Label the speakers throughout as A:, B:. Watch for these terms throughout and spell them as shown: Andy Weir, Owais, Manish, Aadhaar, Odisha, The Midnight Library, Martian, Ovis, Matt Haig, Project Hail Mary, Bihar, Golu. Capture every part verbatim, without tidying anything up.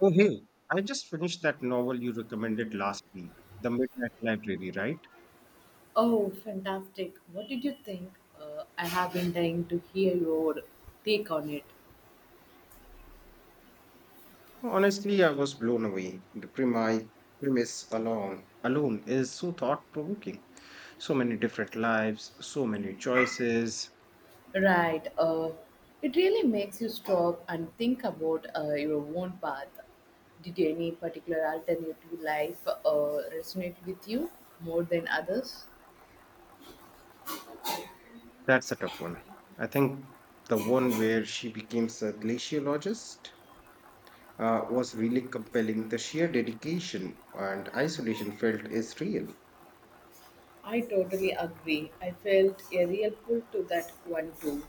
A: Oh, hey, I just finished that novel you recommended last week, The Midnight Library, right?
B: Oh, fantastic. What did you think? Uh, I have been dying to hear your take on it.
A: Well, honestly, I was blown away. The premi- premise alone, alone is so thought provoking. So many different lives, so many choices.
B: Right. Uh, it really makes you stop and think about uh, your own path. Did any particular alternative life uh, resonate with you more than others?
A: That's a tough one. I think the one where she becomes a glaciologist uh, was really compelling. The sheer dedication and isolation felt is real.
B: I totally agree. I felt a real pull to that one too.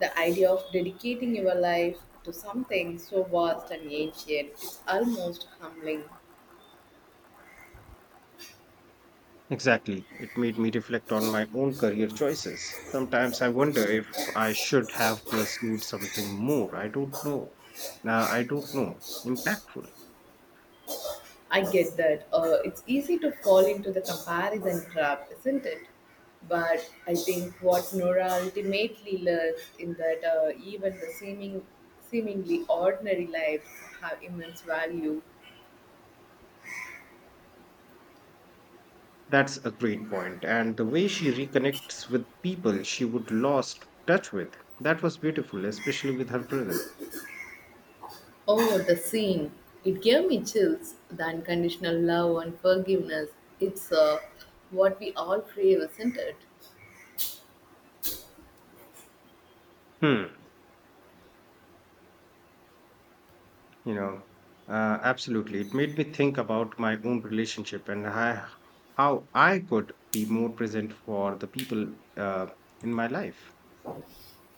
B: The idea of dedicating your life to something so vast and ancient is almost humbling.
A: Exactly. It made me reflect on my own career choices. Sometimes I wonder if I should have pursued something more. I don't know. Uh, I don't know. Impactful.
B: I get that. Uh, it's easy to fall into the comparison trap, isn't it? But I think what Nora ultimately learns in that uh, even the seeming, seemingly ordinary lives have immense value.
A: That's a great point. And the way she reconnects with people she would lost touch with, that was beautiful, especially with her brother.
B: Oh, the scene. It gave me chills. The unconditional love and forgiveness. It's uh, what we all crave, isn't it?
A: Hmm. You know, uh, Absolutely. It made me think about my own relationship and I, how I could be more present for the people uh, in my life.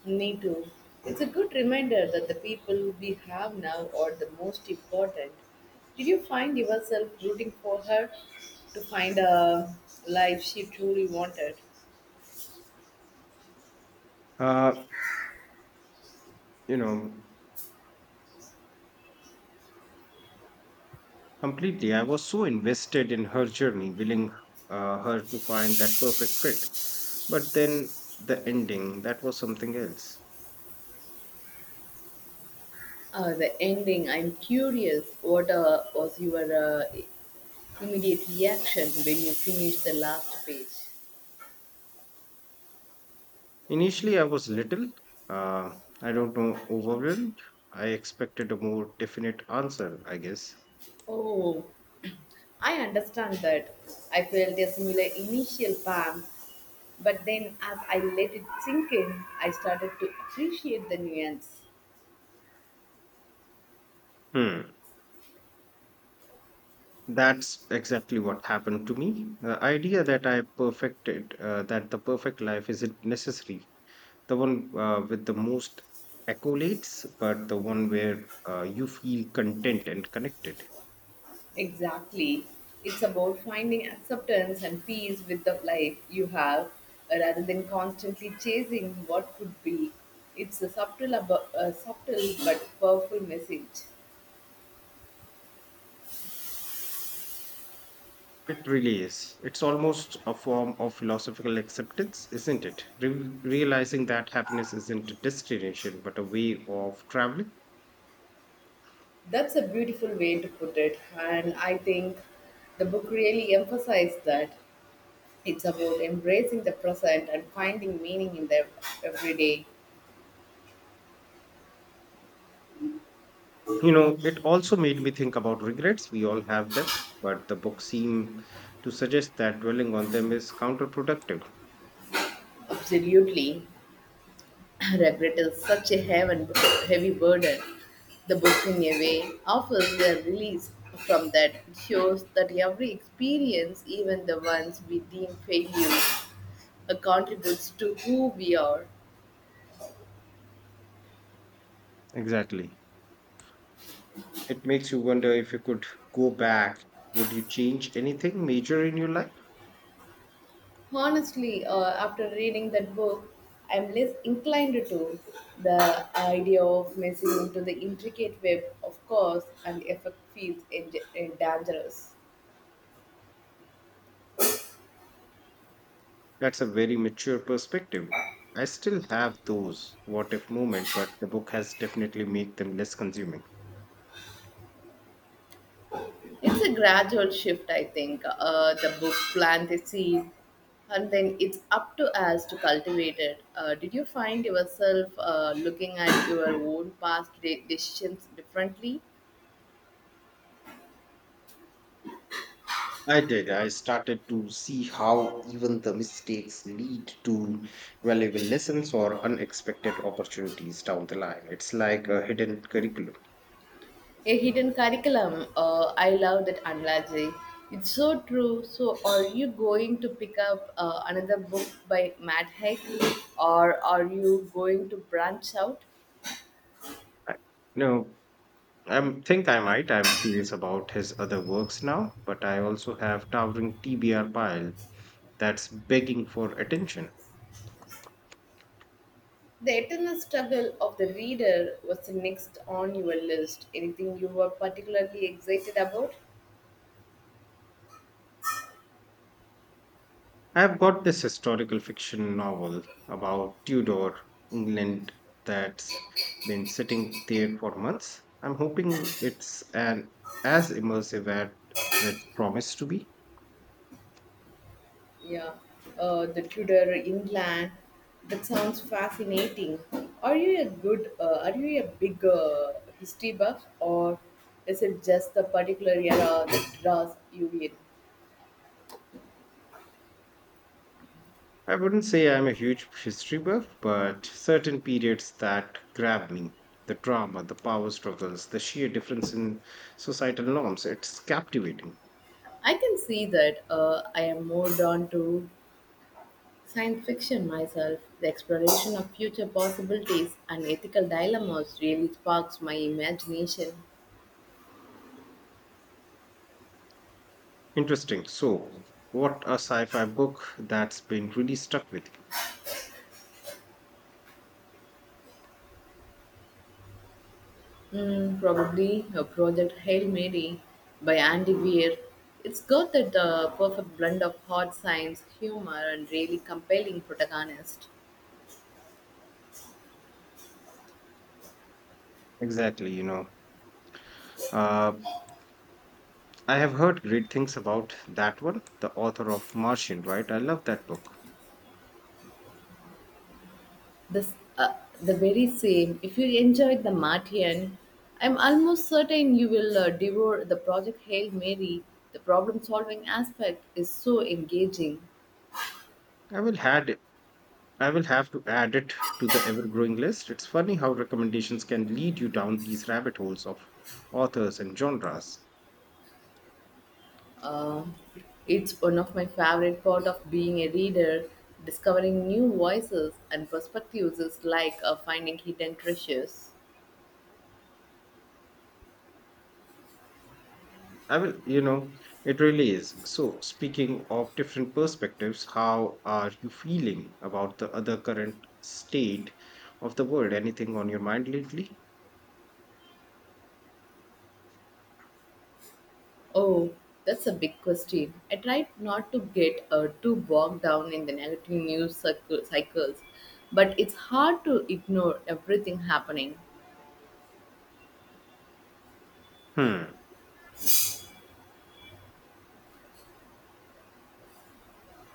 B: Me too. It's a good reminder that the people we have now are the most important. Did you find yourself rooting for her to find a life she truly wanted?
A: Uh, you know completely, I was so invested in her journey, willing uh, her to find that perfect fit, but then the ending, that was something else.
B: Uh, the ending, I'm curious, what uh, was your uh, immediate reaction when you finished the last page?
A: Initially I was little, uh, I don't know, overwhelmed. I expected a more definite answer, I guess.
B: Oh, I understand that. I felt a similar initial pang, but then as I let it sink in, I started to appreciate the nuance.
A: Hmm, that's exactly what happened to me. The idea that I perfected uh, that the perfect life isn't necessary. The one uh, with the most accolades, but the one where uh, you feel content and connected.
B: Exactly. It's about finding acceptance and peace with the life you have uh, rather than constantly chasing what could be. It's a subtle, abo- a subtle but powerful message.
A: It really is. It's almost a form of philosophical acceptance, isn't it? Re- realizing that happiness isn't a destination, but a way of traveling.
B: That's a beautiful way to put it, and I think the book really emphasized that. It's about embracing the present and finding meaning in the everyday.
A: You know, it also made me think about regrets. We all have them, but the book seemed to suggest that dwelling on them is counterproductive.
B: Absolutely. Regret is such a heaven, heavy burden. The book, in a way, offers a release from that. It shows that every experience, even the ones we deem failures, uh, contributes to who we are.
A: Exactly. It makes you wonder if you could go back, would you change anything major in your life?
B: Honestly, uh, after reading that book, I'm less inclined to the idea of messing into the intricate web of cause and effect feels en- eh, dangerous.
A: That's a very mature perspective. I still have those what if moment, but the book has definitely made them less consuming.
B: It's a gradual shift, I think. Uh, the book plants a seed, and then it's up to us to cultivate it. Uh, did you find yourself uh, looking at your own past de- decisions differently?
A: I did. I started to see how even the mistakes lead to valuable lessons or unexpected opportunities down the line. It's like a hidden curriculum.
B: A hidden curriculum. Uh, I love that analogy. It's so true. So, are you going to pick up uh, another book by Matt Haig, or are you going to branch out?
A: I, no, I think I might. I'm curious about his other works now, but I also have towering T B R pile that's begging for attention.
B: The eternal struggle of the reader was the next on your list. Anything you were particularly excited about?
A: I've got this historical fiction novel about Tudor England that's been sitting there for months. I'm hoping it's an as immersive as it promised to be.
B: Yeah, uh, the Tudor England. That sounds fascinating. Are you a good? Uh, are you a big uh, history buff, or is it just the particular era that draws you in?
A: I wouldn't say I'm a huge history buff, but certain periods that grab me, the drama, the power struggles, the sheer difference in societal norms, it's captivating.
B: I can see that uh, I am more drawn to science fiction myself. The exploration of future possibilities and ethical dilemmas really sparks my imagination.
A: Interesting. So, what a sci-fi book that's been really stuck with you.
B: Mm, probably a project Hail Mary by Andy Weir. It's got that uh, perfect blend of hard science, humor, and really compelling protagonist.
A: Exactly, you know. Uh, I have heard great things about that one, the author of Martian, right? I love that book.
B: This, uh, the very same. If you enjoyed The Martian, I'm almost certain you will uh, devour the project Hail Mary. The problem-solving aspect is so engaging.
A: I will had I will have to add it to the ever-growing list. It's funny how recommendations can lead you down these rabbit holes of authors and genres.
B: Um, it's one of my favorite part of being a reader. Discovering new voices and perspectives is like uh, finding hidden treasures.
A: I will, you know, It really is. So, speaking of different perspectives, how are you feeling about the other current state of the world? Anything on your mind lately?
B: Oh, that's a big question. I tried not to get uh, too bogged down in the negative news circle- cycles, but it's hard to ignore everything happening.
A: Hmm,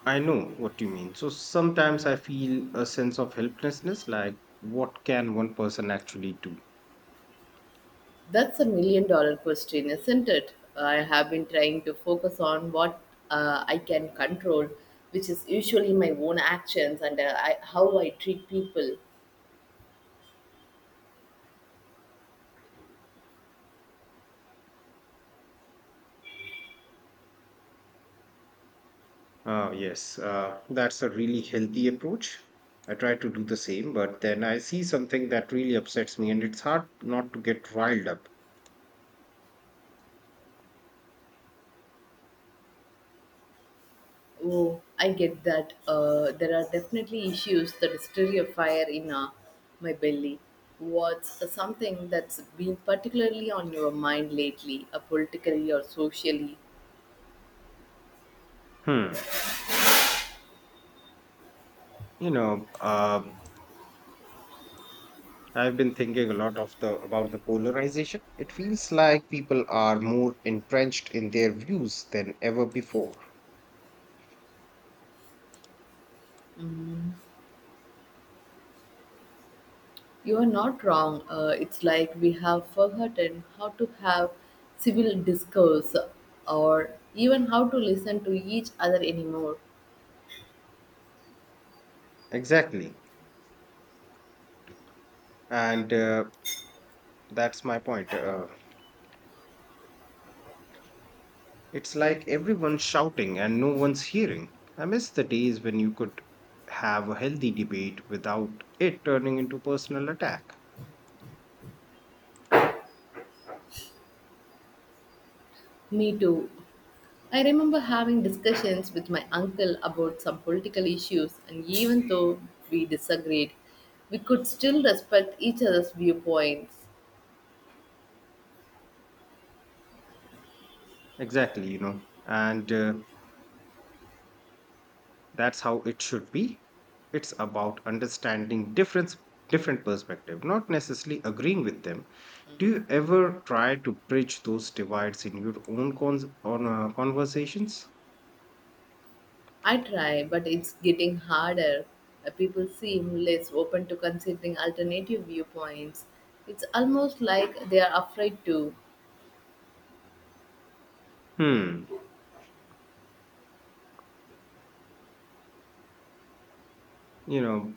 A: I know what you mean. So, sometimes I feel a sense of helplessness, like what can one person actually do?
B: That's a million dollar question, isn't it? I have been trying to focus on what uh, I can control, which is usually my own actions and uh, I, how I treat people.
A: Uh, yes, uh, that's a really healthy approach. I try to do the same, but then I see something that really upsets me, and it's hard not to get riled up.
B: Oh, I get that. Uh, there are definitely issues that stir a fire in uh, my belly. What's something that's been particularly on your mind lately, uh, politically or socially?
A: Hmm. You know, uh, I've been thinking a lot of the about the polarization. It feels like people are more entrenched in their views than ever before.
B: You're not wrong. Uh, it's like we have forgotten how to have civil discourse or even how to listen to each other anymore.
A: Exactly. And uh, That's my point. Uh, it's like everyone's shouting and no one's hearing. I miss the days when you could have a healthy debate without it turning into personal attack.
B: Me too. I remember having discussions with my uncle about some political issues, and even though we disagreed, we could still respect each other's viewpoints.
A: Exactly, you know. And uh, That's how it should be. It's about understanding difference different perspective, not necessarily agreeing with them. Do you ever try to bridge those divides in your own cons- on uh, conversations?
B: I try, but it's getting harder. Uh, People seem less open to considering alternative viewpoints. It's almost like they are afraid to.
A: Hmm. You know,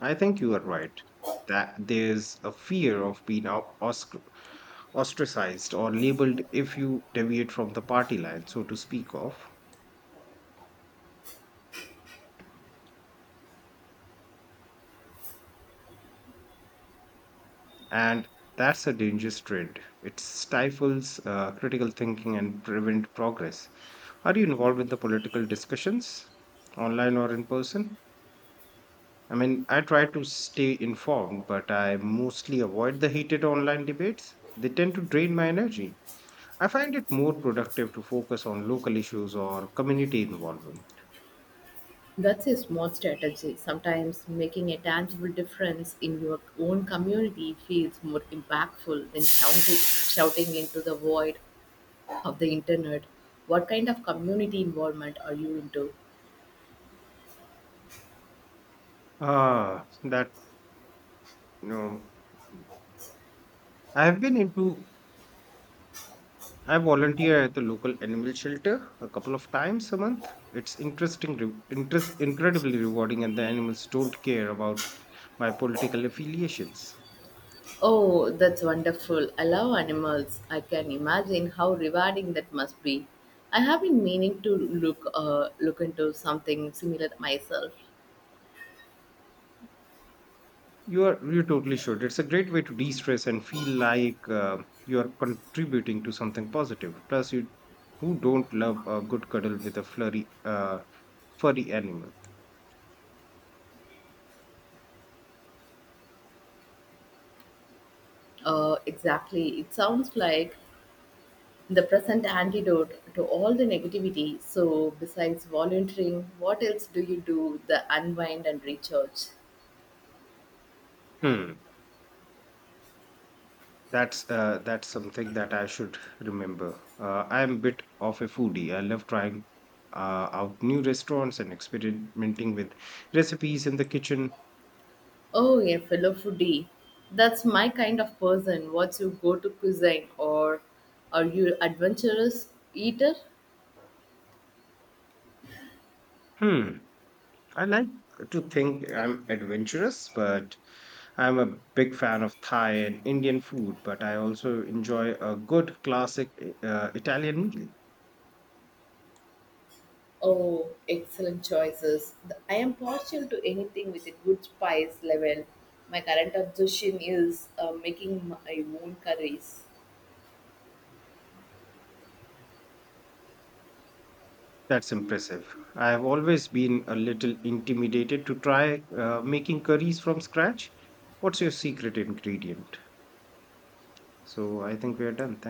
A: I think you are right that there's a fear of being out- ostr- ostracized or labeled if you deviate from the party line, so to speak of, and that's a dangerous trend. It stifles uh, critical thinking and prevent progress. Are you involved in the political discussions, online or in person? I mean, I try to stay informed, but I mostly avoid the heated online debates. They tend to drain my energy. I find it more productive to focus on local issues or community involvement.
B: That's a smart strategy. Sometimes making a tangible difference in your own community feels more impactful than shouting, shouting into the void of the internet. What kind of community involvement are you into?
A: Ah, that, you know, I have been into, I volunteer at the local animal shelter a couple of times a month. It's interesting, re- interest, incredibly rewarding, and the animals don't care about my political affiliations.
B: Oh, that's wonderful. I love animals. I can imagine how rewarding that must be. I have been meaning to look uh, look into something similar myself.
A: You are you totally should. It's a great way to de-stress and feel like uh, you are contributing to something positive. Plus, you who don't love a good cuddle with a flurry, uh, furry animal?
B: Uh, exactly. It sounds like the present antidote to all the negativity. So, besides volunteering, what else do you do the unwind and recharge?
A: Hmm. That's uh, that's something that I should remember. Uh, I am a bit of a foodie. I love trying uh, out new restaurants and experimenting with recipes in the kitchen.
B: Oh, a fellow foodie. That's my kind of person. What's your go to cuisine or are you adventurous eater?
A: Hmm. I like to think I'm adventurous, but I'm a big fan of Thai and Indian food, but I also enjoy a good classic uh, Italian meal.
B: Oh, excellent choices. The- I am partial to anything with a good spice level. My current obsession is uh, making my own curries.
A: That's impressive. I have always been a little intimidated to try uh, making curries from scratch. What's your secret ingredient? So I think we are done. Thank